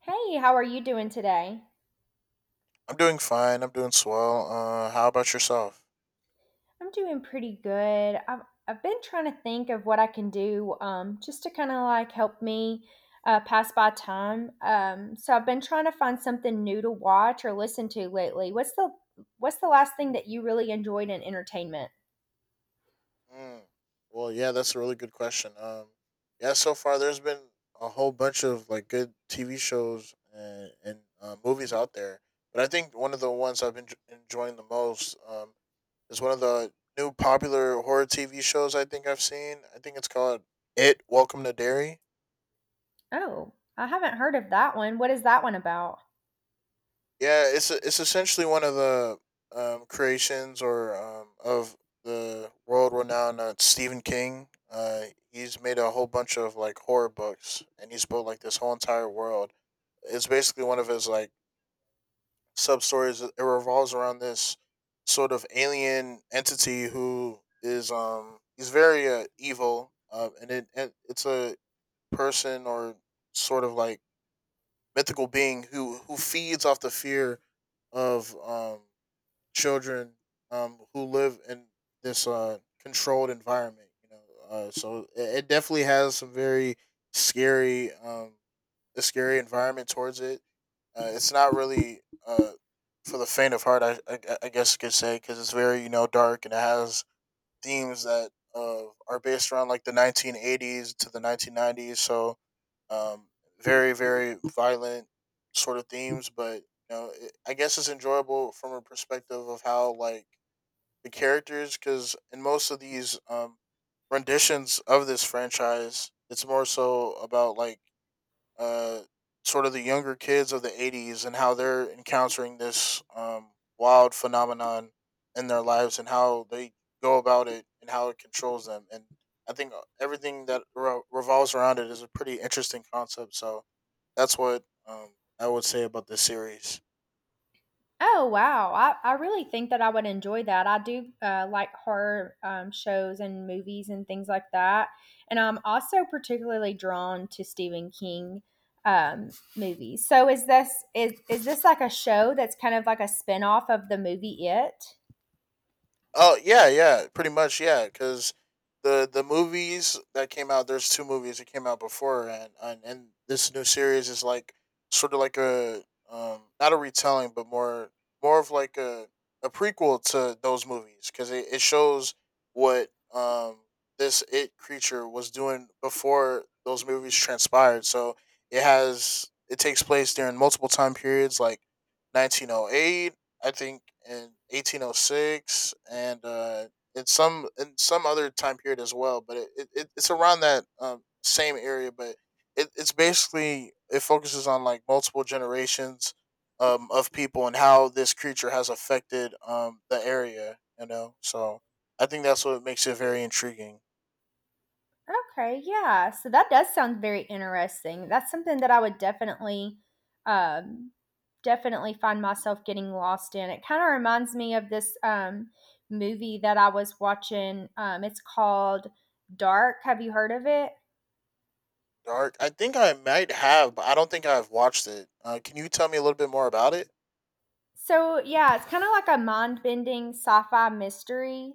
Hey, how are you doing today? I'm doing fine. I'm doing swell. How about yourself? I'm doing pretty good. I've been trying to think of what I can do, just to kind of like help me pass by time. So I've been trying to find something new to watch or listen to lately. What's the last thing that you really enjoyed in entertainment? Mm. Well, yeah, that's a really good question. Yeah, so far there's been a whole bunch of like good TV shows and movies out there, but I think one of the ones I've been enjoying the most is one of the new popular horror TV shows I think I've seen. I think it's called It. Welcome to Dairy. Oh, I haven't heard of that one. What is that one about? Yeah, it's essentially one of the creations or of the world renowned Stephen King. He's made a whole bunch of like horror books, and he's built like this whole entire world. It's basically one of his like sub stories. It revolves around this sort of alien entity who is he's very evil, and it's a person or sort of like mythical being who feeds off the fear of children who live in this controlled environment. You know, so it definitely has some very scary, a scary environment towards it. It's not really uh, for the faint of heart, I guess you could say, because it's very you know dark and it has themes that are based around like the 1980s to the 1990s. So um, very very violent sort of themes, but you know it, I guess it's enjoyable from a perspective of how like the characters, because in most of these renditions of this franchise, it's more so about like uh, sort of the younger kids of the 80s and how they're encountering this wild phenomenon in their lives and how they go about it and how it controls them. And I think everything that revolves around it is a pretty interesting concept. So that's what I would say about this series. Oh wow! I really think that I would enjoy that. I do like horror, shows and movies and things like that, and I'm also particularly drawn to Stephen King, um, movies. So is this like a show that's kind of like a spin off of the movie It? Oh yeah, yeah, pretty much, yeah. Because the movies that came out, there's two movies that came out before, and and this new series is like sort of like a not a retelling, but more of like a prequel to those movies because it shows what this it creature was doing before those movies transpired. So it has it takes place during multiple time periods like 1908, I think, in 1806 and in some other time period as well. But it it's around that same area. But it, it's basically it focuses on like multiple generations of people and how this creature has affected the area. You know, so I think that's what makes it very intriguing. Okay, yeah. So that does sound very interesting. That's something that I would definitely, um, definitely find myself getting lost in. It kind of reminds me of this, movie that I was watching. It's called Dark. Have you heard of it? Dark. I think I might have, but I don't think I've watched it. Can you tell me a little bit more about it? So yeah, it's kind of like a mind-bending sci-fi mystery.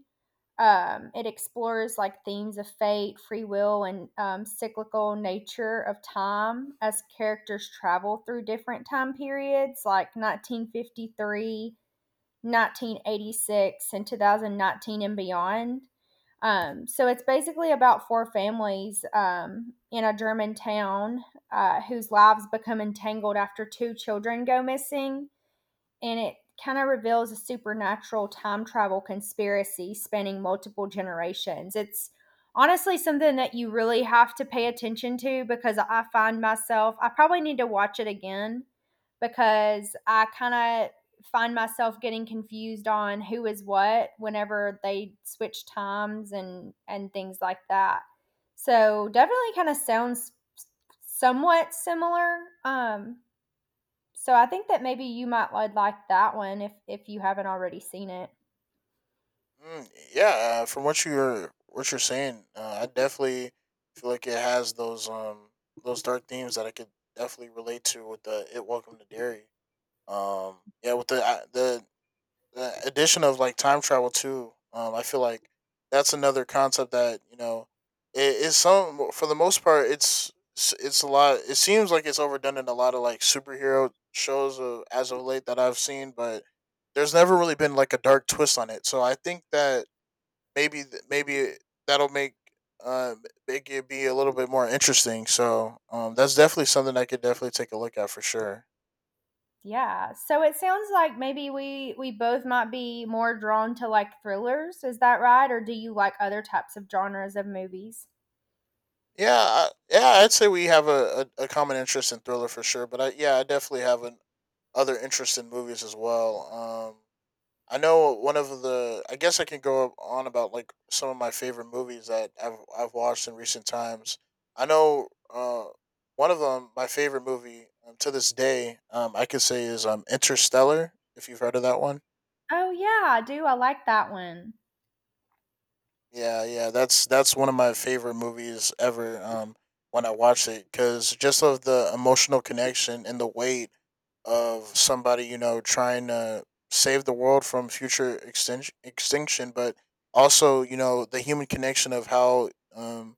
It explores like themes of fate, free will, and, cyclical nature of time as characters travel through different time periods like 1953, 1986, and 2019 and beyond. So it's basically about four families, in a German town, whose lives become entangled after two children go missing, and it kind of reveals a supernatural time travel conspiracy spanning multiple generations. It's honestly something that you really have to pay attention to because I find myself, I probably need to watch it again because I kind of find myself getting confused on who is what whenever they switch times and things like that. So definitely kind of sounds somewhat similar. Um, so I think that maybe you might would like that one if you haven't already seen it. Mm, yeah, from what you're saying, I definitely feel like it has those dark themes that I could definitely relate to with the it welcome to dairy. Um, yeah, with the addition of like time travel too. I feel like that's another concept that you know it is some for the most part it's a lot. It seems like it's overdone in a lot of like superhero shows of, as of late that I've seen, but there's never really been like a dark twist on it. So I think that maybe that'll make uh, make it be a little bit more interesting. So that's definitely something I could definitely take a look at for sure. Yeah. So it sounds like maybe we both might be more drawn to like thrillers. Is that right? Or do you like other types of genres of movies? Yeah, I'd say we have a common interest in thriller for sure. But I definitely have an, other interest in movies as well. I know one of the. I guess I can go on about like some of my favorite movies that I've watched in recent times. I know uh, one of them, my favorite movie to this day, I could say is Interstellar. If you've heard of that one, Oh yeah, I do. I like that one. yeah, yeah, that's one of my favorite movies ever. When I watched it, because just of the emotional connection and the weight of somebody you know trying to save the world from future extinction, but also you know the human connection of how um,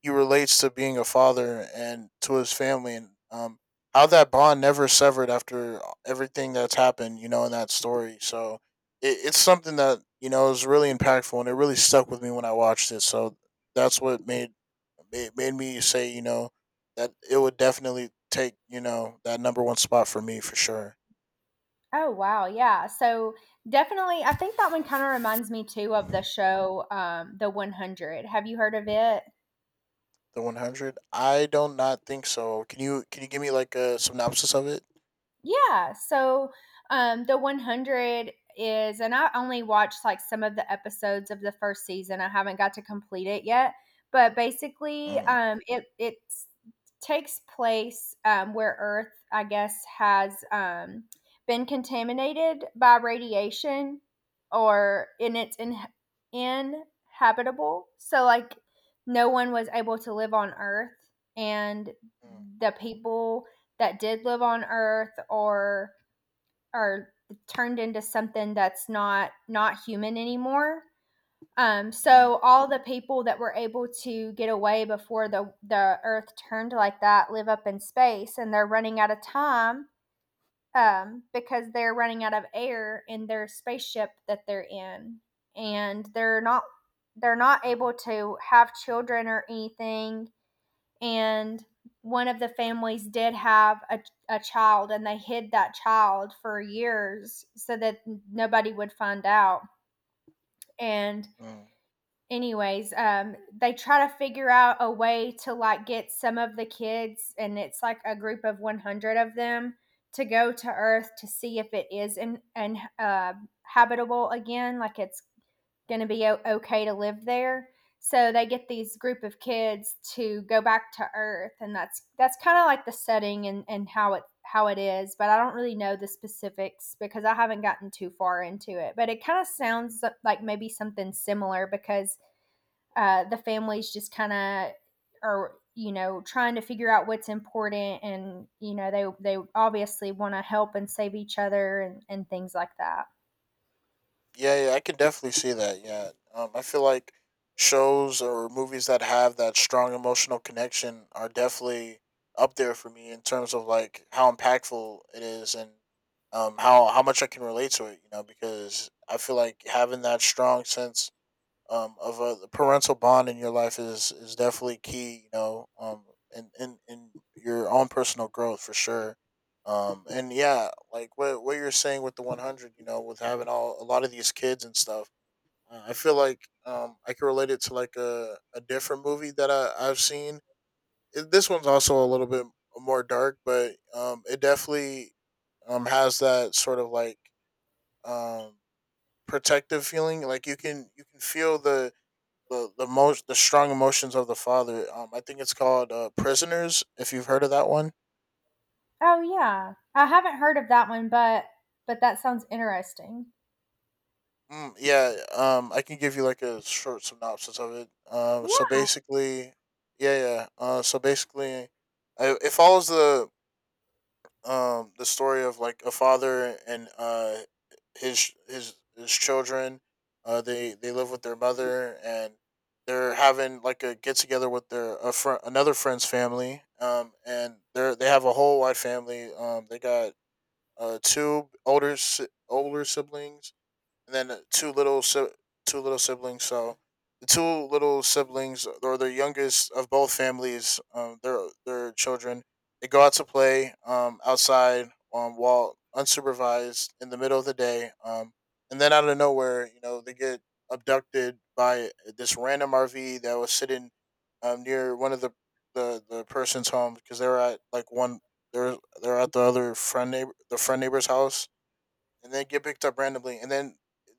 he relates to being a father and to his family, and how that bond never severed after everything that's happened, you know, in that story. So it, it's something that you know is really impactful, and it really stuck with me when I watched it. So that's what made me say, you know, that it would definitely take you know that number one spot for me for sure. Oh wow, yeah. So definitely, I think that one kind of reminds me too of the show, The 100. Have you heard of it? The 100? I don't not think so. Can you give me like a synopsis of it? Yeah. So the 100 is, and I only watched like some of the episodes of the first season. I haven't got to complete it yet, but basically, Mm. It takes place, where Earth, I guess, has, been contaminated by radiation, or in it's in inhabitable. So like, no one was able to live on Earth, and Mm, the people that did live on Earth or are turned into something that's not human anymore. Mm, So all the people that were able to get away before the Earth turned like that live up in space, and they're running out of time, because they're running out of air in their spaceship that they're in, and they're not able to have children or anything, and one of the families did have a child, and they hid that child for years so that nobody would find out. And mm. anyways, um, they try to figure out a way to like get some of the kids, and it's like a group of 100 of them to go to earth to see if it is in and, uh, habitable again, like it's going to be okay to live there. So they get these group of kids to go back to Earth, and that's kind of like the setting, and how it is. But I don't really know the specifics because I haven't gotten too far into it. But it kind of sounds like maybe something similar because, the families just kind of are, you know, trying to figure out what's important, and you know they obviously want to help and save each other, and things like that. Yeah, yeah, I can definitely see that. Yeah, I feel like shows or movies that have that strong emotional connection are definitely up there for me in terms of like how impactful it is and how much I can relate to it. You know, because I feel like having that strong sense of a the parental bond in your life is definitely key. You know, in in your own personal growth for sure. And yeah, like what you're saying with the 100, you know, with having all a lot of these kids and stuff. I feel like I can relate it to like a different movie that I've seen. It, this one's also a little bit more dark, but it definitely has that sort of like um, protective feeling. Like you can feel the strong emotions of the father. I think it's called Prisoners. If you've heard of that one, Oh yeah, I haven't heard of that one, but that sounds interesting. mm, yeah. I can give you like a short synopsis of it. So Yeah. basically, yeah, yeah. So basically, it follows the story of like a father and his his children, they live with their mother and they're having like a get together with their a another friend's family, and they have a whole wide family, they got two older older siblings and then two little two little siblings. So the two little siblings, or the youngest of both families, their children, they go out to play outside while unsupervised in the middle of the day, and then out of nowhere, you know, they get abducted by this random RV that was sitting near one of the person's home because they were at like one they're they're at the other friend neighbor the friend neighbor's house and then get picked up randomly, and then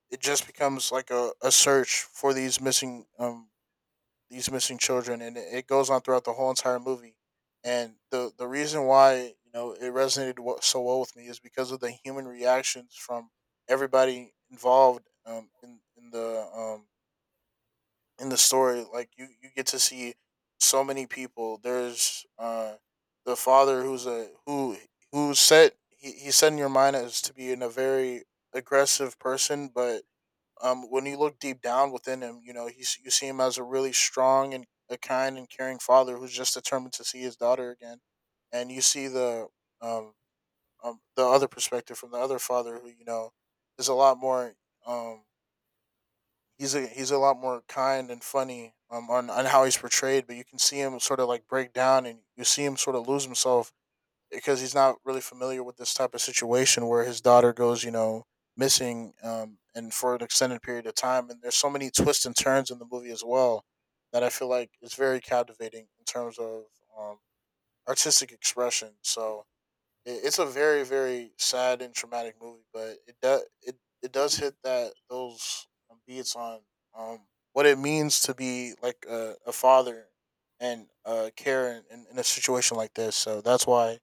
it just becomes like a search for these missing children, and it goes on throughout the whole entire movie. And the reason why you know it resonated so well with me is because of the human reactions from everybody involved in the story, like you get to see so many people, there's the father who's a who set he set in your mind as to be in a very aggressive person, but when you look deep down within him, you know, he's you see him as a really strong and a kind and caring father who's just determined to see his daughter again. And you see um, the other perspective from the other father who, you know, is a lot more um he's a lot more kind and funny on how he's portrayed, but you can see him sort of like break down and you see him sort of lose himself because he's not really familiar with this type of situation where his daughter goes, you know, missing, and for an extended period of time. And there's so many twists and turns in the movie as well that I feel like is very captivating in terms of um, artistic expression. So it's a very very sad and traumatic movie, but it does it, it does hit that those beats on um what it means to be like a father and care in a situation like this. So that's why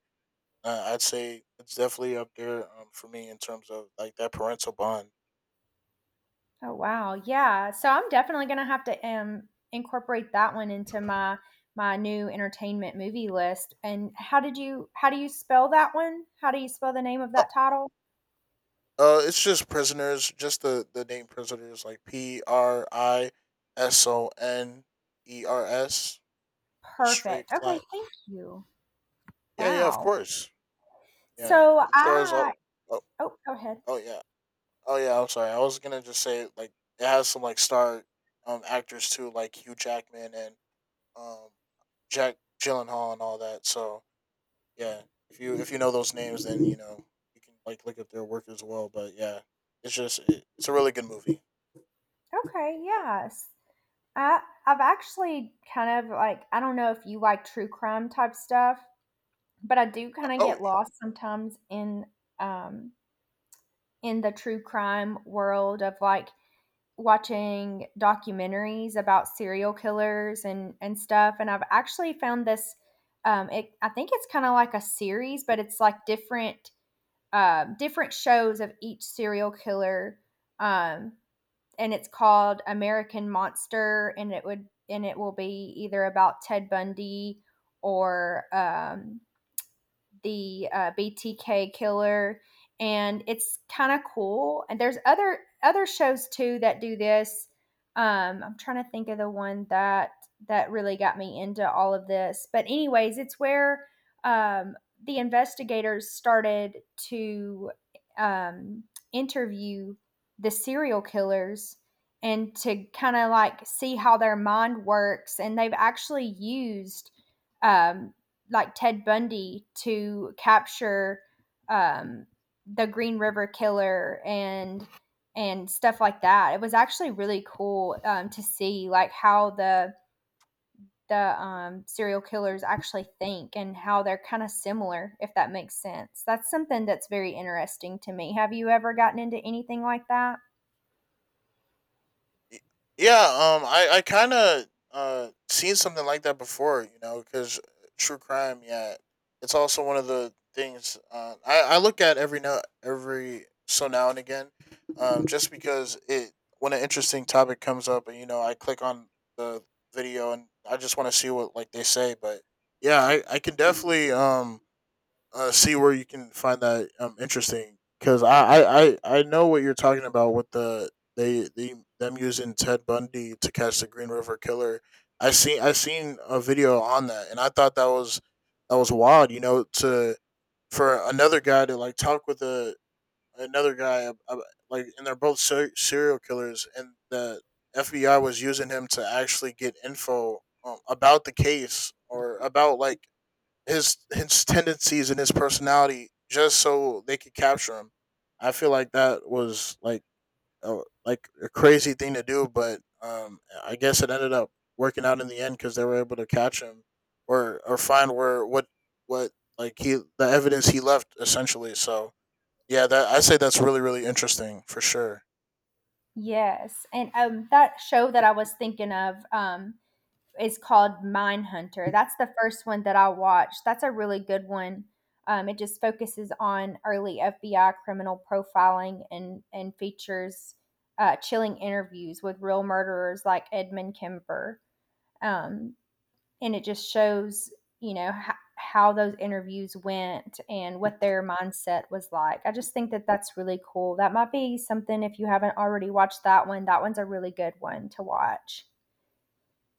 I'd say it's definitely up there for me in terms of like that parental bond. Oh wow, yeah. So I'm definitely gonna have to, um, incorporate that one into my my new entertainment movie list. And how do you spell that one? How do you spell the name of Uh, that title? It's just prisoners, just the name prisoners, like Prisoners, the straight Perfect. Okay, flat. thank you. Yeah, yeah, of Wow. course. Yeah, So it stars I all. Oh, oh go ahead. oh yeah, oh yeah. I'm sorry. I was gonna just say it has some star actors too, like Hugh Jackman and um Jack Gyllenhaal and all that. So yeah, if you know those names, then you know you can look up their work as well. But yeah, it's a really good movie. Okay, yes. I've actually kind of like, I don't know if you like true crime type stuff, but I do kind of Oh. get lost sometimes in, um, in the true crime world of like watching documentaries about serial killers and stuff, and I've actually found this, um, it, I think it's kind of like a series, but it's like different, different shows of each serial killer, um, and it's called American Monster, and it will be either about Ted Bundy or, um, the, BTK killer, and it's kind of cool. And there's other shows too that do this. I'm trying to think of the one that really got me into all of this. But anyways, it's where, um, the investigators started to, um, interview the serial killers and to kind of like see how their mind works. And they've actually used, um, like Ted Bundy to capture, um, the Green River Killer and stuff like that. It was actually really cool, to see like how the, serial killers actually think and how they're kind of similar, if that makes sense. That's something that's very interesting to me. Have you ever gotten into anything like that? Y- Yeah, I kind of seen something like that before, you know, because true crime, yeah, it's also one of the things I look at every now and again, just because it when an interesting topic comes up, and you know, I click on the video and I just want to see what like they say, but yeah, I can definitely see where you can find that interesting because I know what you're talking about with the they them using Ted Bundy to catch the Green River Killer. I seen a video on that and I thought that was wild. You know, to for another guy to talk with a another guy ab- like, and they're both serial killers and the FBI was using him to actually get info about the case or about like his tendencies and his personality just so they could capture him. I feel like that was like a crazy thing to do, but I guess it ended up working out in the end because they were able to catch him or find where what like he the evidence he left essentially. So yeah, that I say that's really interesting for sure. Yes, and, that show that I was thinking of, is called Mindhunter. That's the first one that I watched. That's a really good one. It just focuses on early FBI criminal profiling and features, chilling interviews with real murderers like Edmund Kemper. Um, and it just shows, you know, how those interviews went and what their mindset was like. I just think that that's really cool. That might be something if you haven't already watched that one. That one's a really good one to watch.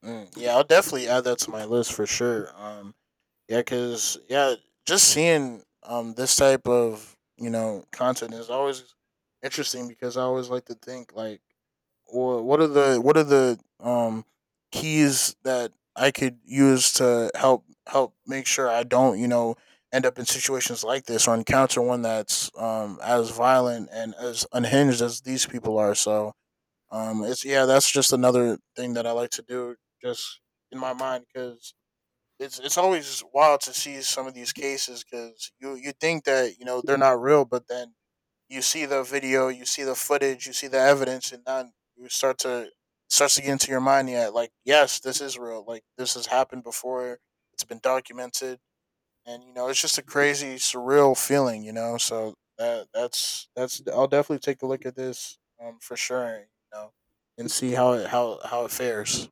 Mm, yeah, I'll definitely add that to my list for sure. Yeah, just seeing this type of, you know, content is always interesting because I always like to think like, what are the, what are the keys that I could use to help make sure I don't, you know, end up in situations like this or encounter one that's as violent and as unhinged as these people are. So it's yeah that's just another thing that I like to do, just in my mind, because it's always wild to see some of these cases because you think that, you know, they're not real, but then you see the video, you see the footage, you see the evidence, and then you start to get into your mind. Yeah, like yes, this is real. Like this has happened before. It's been documented, and you know it's just a crazy, surreal feeling. You know, so that's I'll definitely take a look at this for sure. You know, and see how it fares.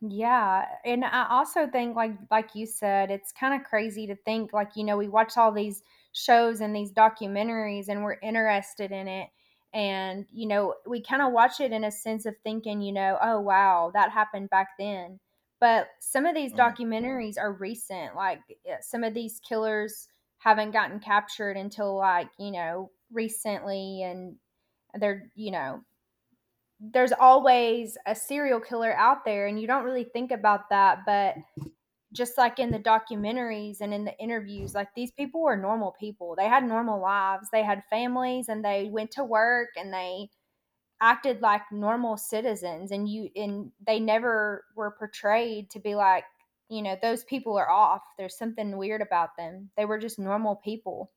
Yeah, and I also think like you said, it's kind of crazy to think like, you know, we watch all these shows and these documentaries and we're interested in it, and you know we kind of watch it in a sense of thinking, you know, oh wow, that happened back then. But some of these Mm, documentaries are recent, like yeah, some of these killers haven't gotten captured until like, you know, recently, and they're, you know, there's always a serial killer out there and you don't really think about that. But just like in the documentaries and in the interviews, like these people were normal people, they had normal lives, they had families, and they went to work, and they acted like normal citizens, and you and they never were portrayed to be like, you know, those people are off, there's something weird about them. They were just normal people,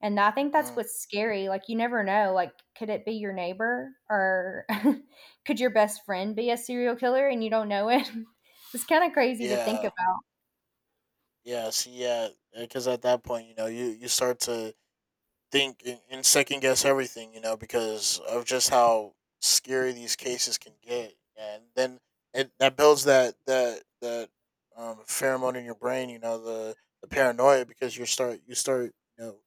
and I think that's mm. what's scary. Like, you never know. Like, could it be your neighbor, or could your best friend be a serial killer and you don't know it? It's kind of crazy to think Yeah. about. Yeah, see, yeah, because at that point, you know, you start to think and, second guess everything, you know, because of just how scary these cases can get, and then it that builds that pheromone in your brain, you know, the paranoia because you start you know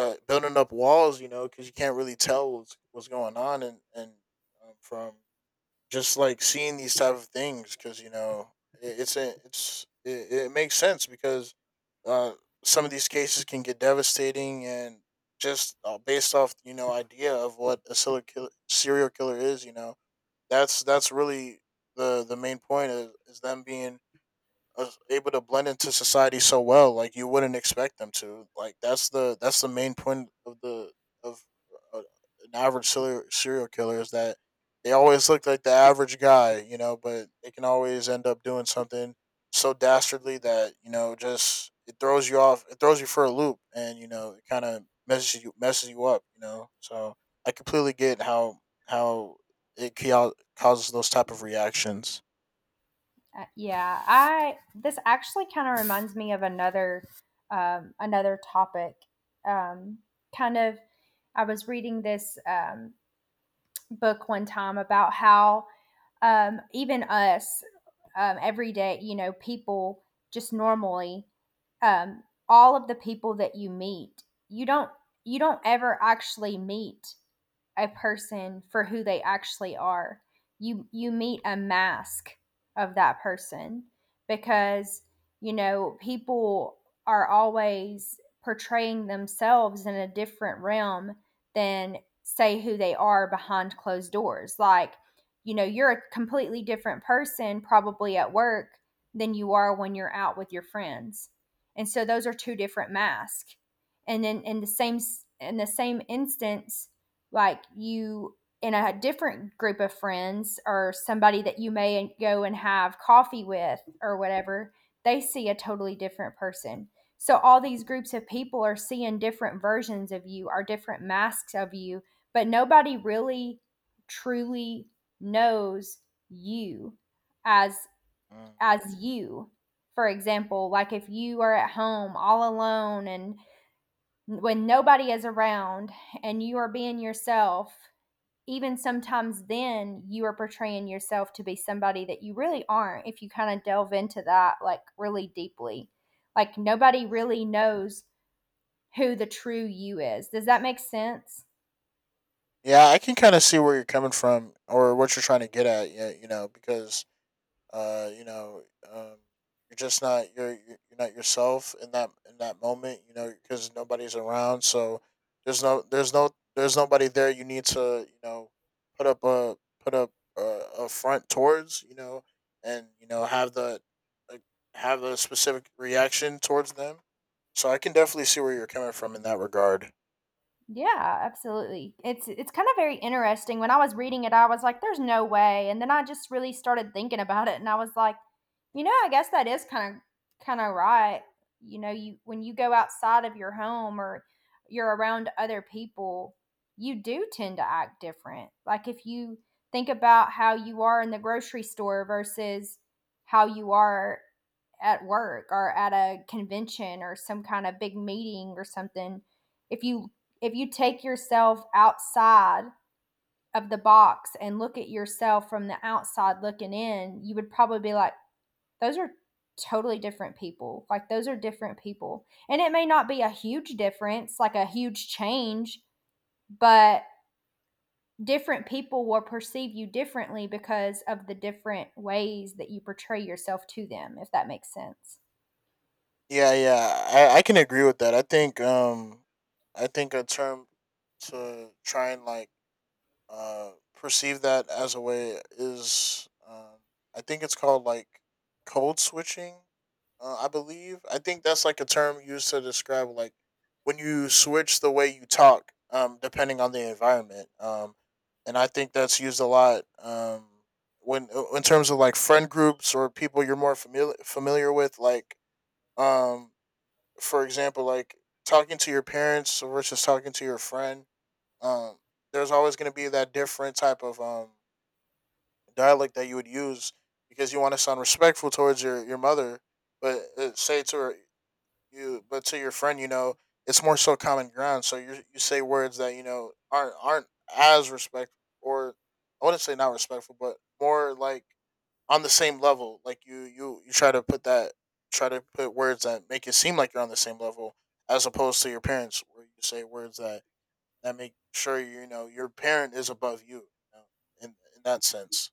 building up walls, you know, because you can't really tell what's going on, and from just like seeing these type of things because you know it, it's a, it's it, it makes sense because uh, some of these cases can get devastating, and just based off, you know, idea of what a serial killer is, you know, that's really the main point is them being able to blend into society so well, like you wouldn't expect them to, like that's the main point of an average serial killer is that they always look like the average guy, you know, but they can always end up doing something so dastardly that, you know, just it throws you off, it throws you for a loop, and you know it kind of messes you up, you know. So I completely get how how causes those type of reactions. Yeah, I, this actually kind of reminds me of another, another topic. Um, kind of, I was reading this, book one time about how, even us, every day, you know, people just normally, um, all of the people that you meet, you don't ever actually meet a person for who they actually are. You meet a mask of that person, because you know people are always portraying themselves in a different realm than say who they are behind closed doors. Like, you know, you're a completely different person probably at work than you are when you're out with your friends. And so those are two different masks. And then in the same instance, like you in a different group of friends, or somebody that you may go and have coffee with or whatever, they see a totally different person. So all these groups of people are seeing different versions of you, are different masks of you, but nobody really truly knows you as Mm, as you. For example, like if you are at home all alone and when nobody is around and you are being yourself, even sometimes then you are portraying yourself to be somebody that you really aren't, if you kind of delve into that like really deeply. Like nobody mm. really knows who the true you is. Does that make sense? Yeah, I can kind of see where you're coming from or what you're trying to get at. Yeah, you know, because uh, you know, um, you're just not you're not yourself in that moment. You know, because nobody's around, so there's no there's no there's nobody there. You need to, you know, put up a front towards, you know, and you know have the, like, have a specific reaction towards them. So I can definitely see where you're coming from in that regard. Yeah, absolutely. It's kind of very interesting. When I was reading it, I was like, there's no way. And then I just really started thinking about it and I was like, you know, I guess that is kind of right. You know, you when you go outside of your home or you're around other people, you do tend to act different. Like if you think about how you are in the grocery store versus how you are at work or at a convention or some kind of big meeting or something. If you if you take yourself outside of the box and look at yourself from the outside looking in, you would probably be like, those are totally different people. Like those are different people, and it may not be a huge difference, like a huge change, but different people will perceive you differently because of the different ways that you portray yourself to them, if that makes sense. Yeah, yeah, I can agree with that. I think a term to try and like perceive that as a way is, I think it's called like code switching. I believe, I think that's like a term used to describe like when you switch the way you talk, depending on the environment. And I think that's used a lot. When In terms of like friend groups or people you're more familiar with, like um for example, like talking to your parents versus talking to your friend, um, there's always going to be that different type of dialect that you would use because you want to sound respectful towards your mother, but say to her, you, but to your friend, you know, it's more so common ground. So you say words that you know aren't as respectful, or I wouldn't say not respectful, but more like on the same level. Like you try to put words that make it seem like you're on the same level, as opposed to your parents where you say words that make sure you know your parent is above you, you know, in that sense.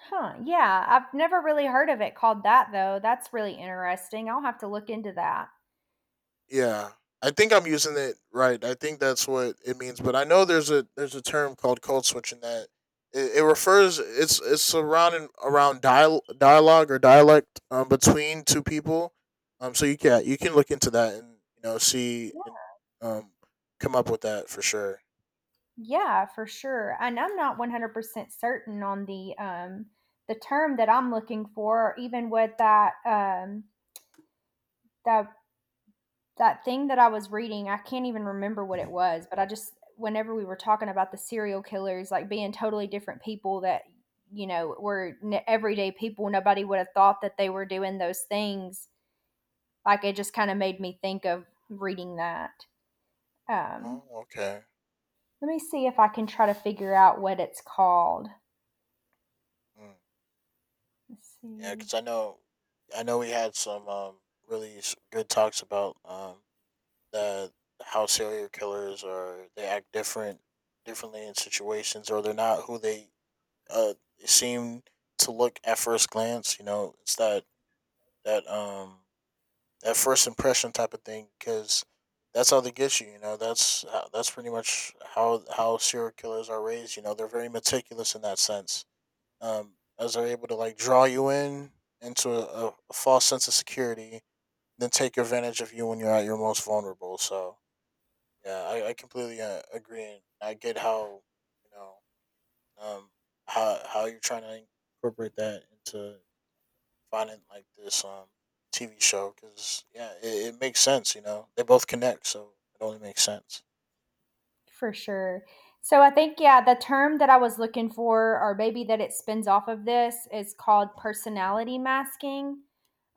Huh, yeah, I've never really heard of it called that though. That's really interesting. I'll have to look into that. Yeah. I think I'm using it right. I think that's what it means. But I know there's a term called code switching that it refers it's around and around dialogue or dialect between two people. So you can look into that and you know see Yeah, and um come up with that for sure. yeah, for sure. And I'm not 100% certain on the term that I'm looking for, or even what that that that thing that I was reading. I can't even remember what it was, but I just, whenever we were talking about the serial killers like being totally different people that, you know, everyday people, nobody would have thought that they were doing those things. Like it just kind of made me think of reading that. Um, Oh, okay. Let me see if I can try to figure out what it's called. Mm. Let's Yeah, see, because I know we had some really good talks about that how serial killers are, they act differently in situations, or they're not who they uh seem to look at first glance, you know, it's that that first impression type of thing because that's how they get you, you know, that's pretty much how serial killers are raised, you know, they're very meticulous in that sense, as they're able to like draw you in into a false sense of security, then take advantage of you when you're at your most vulnerable. So yeah, I completely agree, and I get how, you know, um how you're trying to incorporate that into finding like this TV show because yeah, it makes sense. You know, they both connect, so it only makes sense. for sure. So I think, yeah, the term that I was looking for, or maybe that it spins off of this, is called personality masking.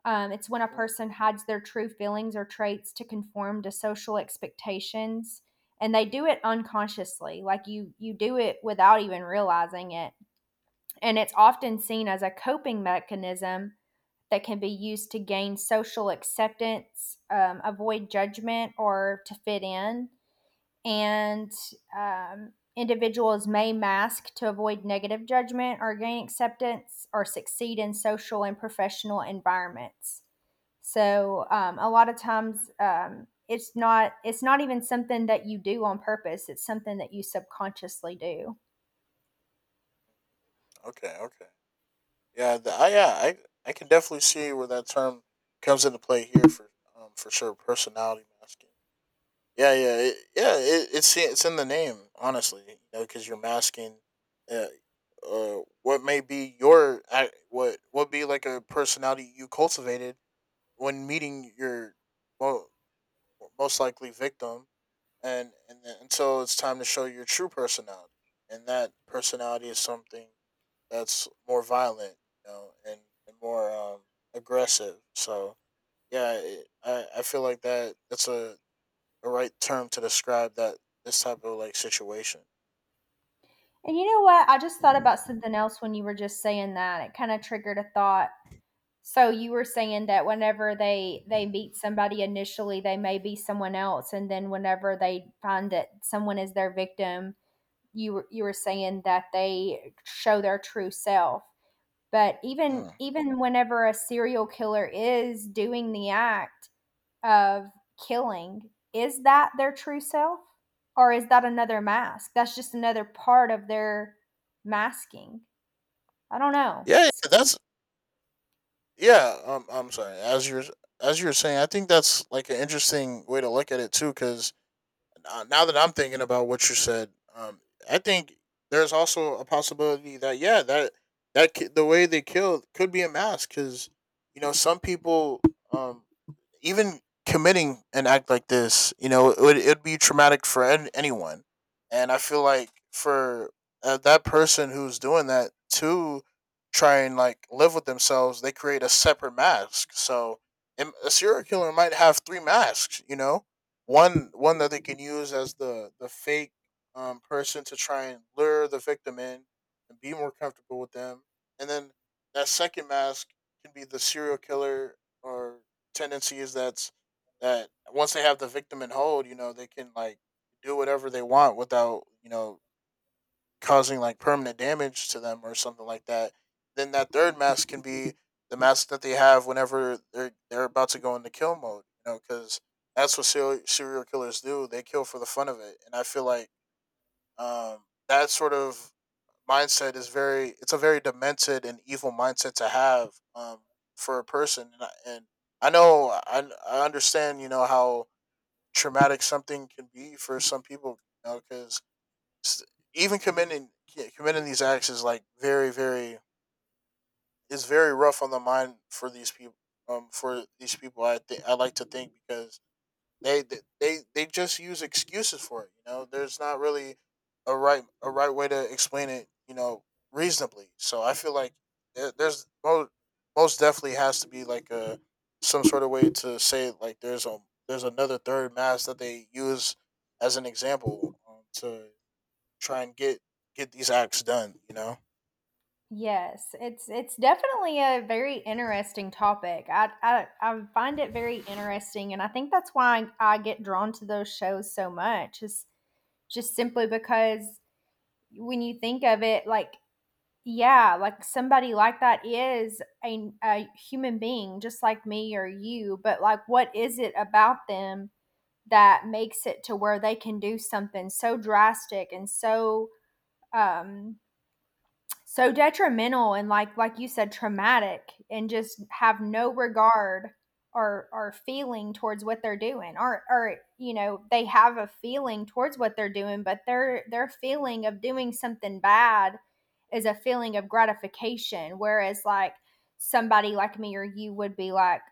It's when a Mm. person hides their true feelings or traits to conform to social expectations, and they do it unconsciously. Like you do it without even realizing it, and it's often seen as a coping mechanism that can be used to gain social acceptance, avoid judgment, or to fit in. And individuals may mask to avoid negative judgment or gain acceptance or succeed in social and professional environments. So a lot of times, it's not even something that you do on purpose. It's something that you subconsciously do. Okay, yeah, yeah, I can definitely see where that term comes into play here for sure, personality masking. Yeah, it's in the name, honestly. You know, because you're masking uh, what may be your what be like a personality you cultivated when meeting your mo- most likely victim, and until it's time to show your true personality, and that personality is something that's more violent, you know, and more aggressive. So yeah, I feel like that's a the right term to describe that this type of like situation. And you know what? I just thought about something else when you were just saying that. It kind of triggered a thought. So you were saying that whenever they meet somebody initially, they may be someone else, and then whenever they find that someone is their victim, you were saying that they show their true self. But Mm. even whenever a serial killer is doing the act of killing, is that their true self, or is that another mask that's just another part of their masking? I don't know. Yeah, yeah, It's— that's yeah. I'm sorry. As you're saying, I think that's like an interesting way to look at it too. Because now that I'm thinking about what you said, um, I think there's also a possibility that that the way they killed could be a mask. Because you know some people um even committing an act like this, you know, it'd be traumatic for anyone. And I feel like for that person who's doing that to try and like live with themselves, they create a separate mask. So a serial killer might have 3 masks, you know, one that they can use as the fake person to try and lure the victim in and be more comfortable with them, and then that second mask can be the serial killer or tendency is that's that once they have the victim in hold, you know, they can like do whatever they want without, you know, causing like permanent damage to them or something like that. Then that third mask can be the mask that they have whenever they're about to go into kill mode, you know, because that's what serial killers do. They kill for the fun of it, and I feel like that sort of mindset is very it's a very demented and evil mindset to have, for a person. And I know, I understand, you know, how traumatic something can be for some people, you know, because even committing, yeah, committing these acts is like very very, it's very rough on the mind for these people, for these people, I think, I like to think, because they just use excuses for it. You know, there's not really a right way to explain it. You know, reasonably. So I feel like there- there's most most definitely has to be like a, some sort of way to say like there's a, there's another third mass that they use as an example, to try and get these acts done. You know. yes, it's definitely a very interesting topic. I I find it very interesting, and I think that's why I get drawn to those shows so much, is just simply because when you think of it, like, yeah, like somebody like that is a human being just like me or you, but like, what is it about them that makes it to where they can do something so drastic and so um, so detrimental and like you said, traumatic, and just have no regard or feeling towards what they're doing. Or, you know, they have a feeling towards what they're doing, but their feeling of doing something bad is a feeling of gratification, whereas like somebody like me or you would be like,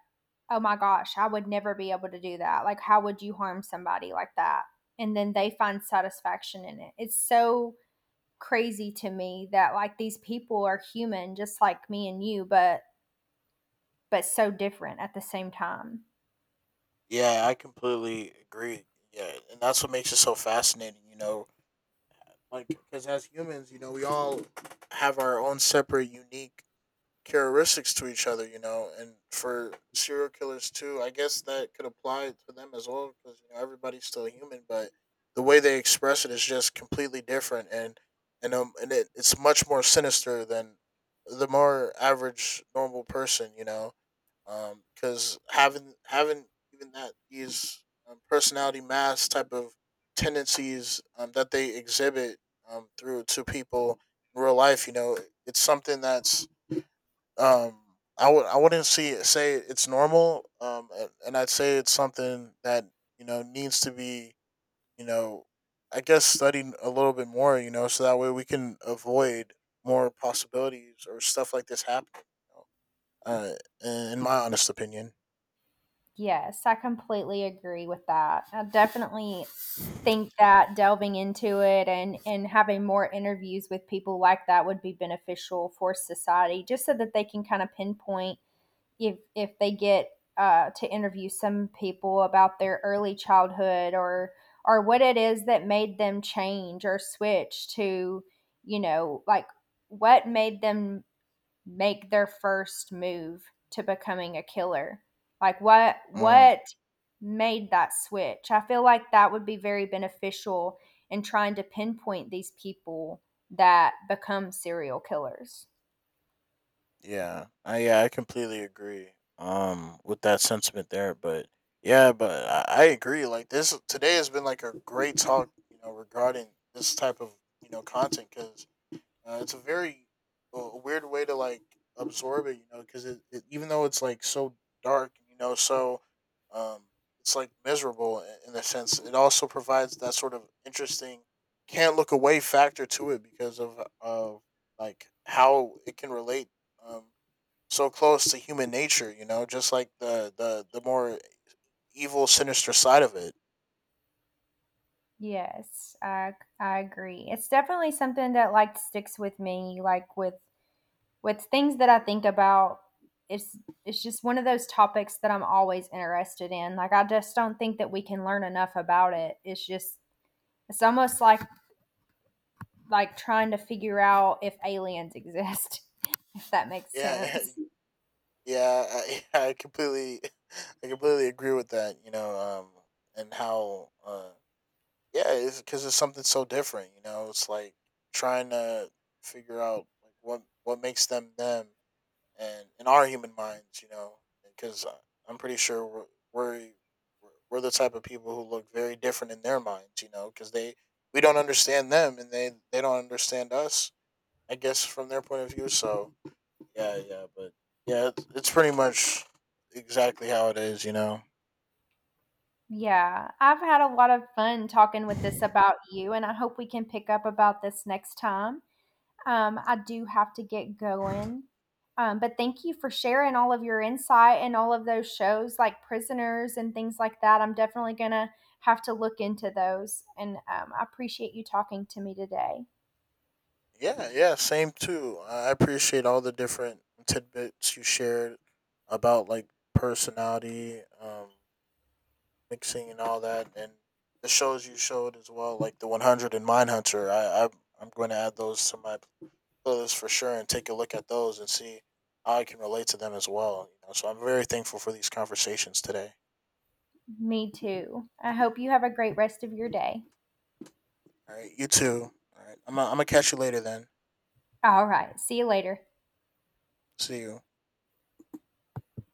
oh my gosh, I would never be able to do that. Like, how would you harm somebody like that? And then they find satisfaction in it. It's so crazy to me that like these people are human just like me and you, but so different at the same time. Yeah, I completely agree. Yeah, and that's what makes it so fascinating. You know, like, because as humans, you know, we all have our own separate, unique characteristics to each other, you know, and for serial killers too, I guess that could apply to them as well because, you know, everybody's still human, but the way they express it is just completely different, and it's much more sinister than the more average normal person, you know, because having even that these, personality mass type of tendencies, that they exhibit, through to people in real life, you know, it's something that's, um, I would I wouldn't see say it's normal, and I'd say it's something that, you know, needs to be, you know, I guess studied a little bit more, you know, so that way we can avoid more possibilities or stuff like this happening. You know? uh, in my honest opinion. Yes, I completely agree with that. I definitely think that delving into it and having more interviews with people like that would be beneficial for society, just so that they can kind of pinpoint, if they get to interview some people about their early childhood, or what it is that made them change or switch to, you know, like, what made them make their first move to becoming a killer. Like Mm, what made that switch. I feel like that would be very beneficial in trying to pinpoint these people that become serial killers. Yeah, I completely agree. With that sentiment there, but yeah, but I agree. Like this today has been like a great talk, you know, regarding this type of, you know, content. Because it's a very, weird way to like absorb it, you know, because it even though it's like so dark, you know, so, um, it's like miserable, in a sense. It also provides that sort of interesting can't look away factor to it, because of like how it can relate, um, so close to human nature, you know, just like the more evil, sinister side of it. Yes, I agree. It's definitely something that like sticks with me, like with things that I think about. It's it's just one of those topics that I'm always interested in. Like I just don't think that we can learn enough about it. It's just, it's almost like trying to figure out if aliens exist, if that makes Yeah, sense. yeah, I completely, I completely agree with that. You know, and how, yeah, it's because it's something so different. You know, it's like trying to figure out like what makes them them, and in our human minds, you know, because I'm pretty sure we're we're the type of people who look very different in their minds. You know, because they we don't understand them, and they don't understand us. I guess from their point of view, so yeah, yeah, but yeah, it's pretty much exactly how it is, you know. Yeah, I've had a lot of fun talking with this about you, and I hope we can pick up about this next time. I do have to get going. But thank you for sharing all of your insight and all of those shows like Prisoners and things like that. I'm definitely going to have to look into those. And I appreciate you talking to me today. Yeah, yeah, same too. I appreciate all the different tidbits you shared about like personality, mixing and all that, and the shows you showed as well, like the 100 and Mindhunter. I'm going to add those to my playlist for sure and take a look at those and see how I can relate to them as well. You know, so I'm very thankful for these conversations today. Me too. I hope you have a great rest of your day. All right, you too. All right, I'm gonna catch you later then. All right. See you later. See you.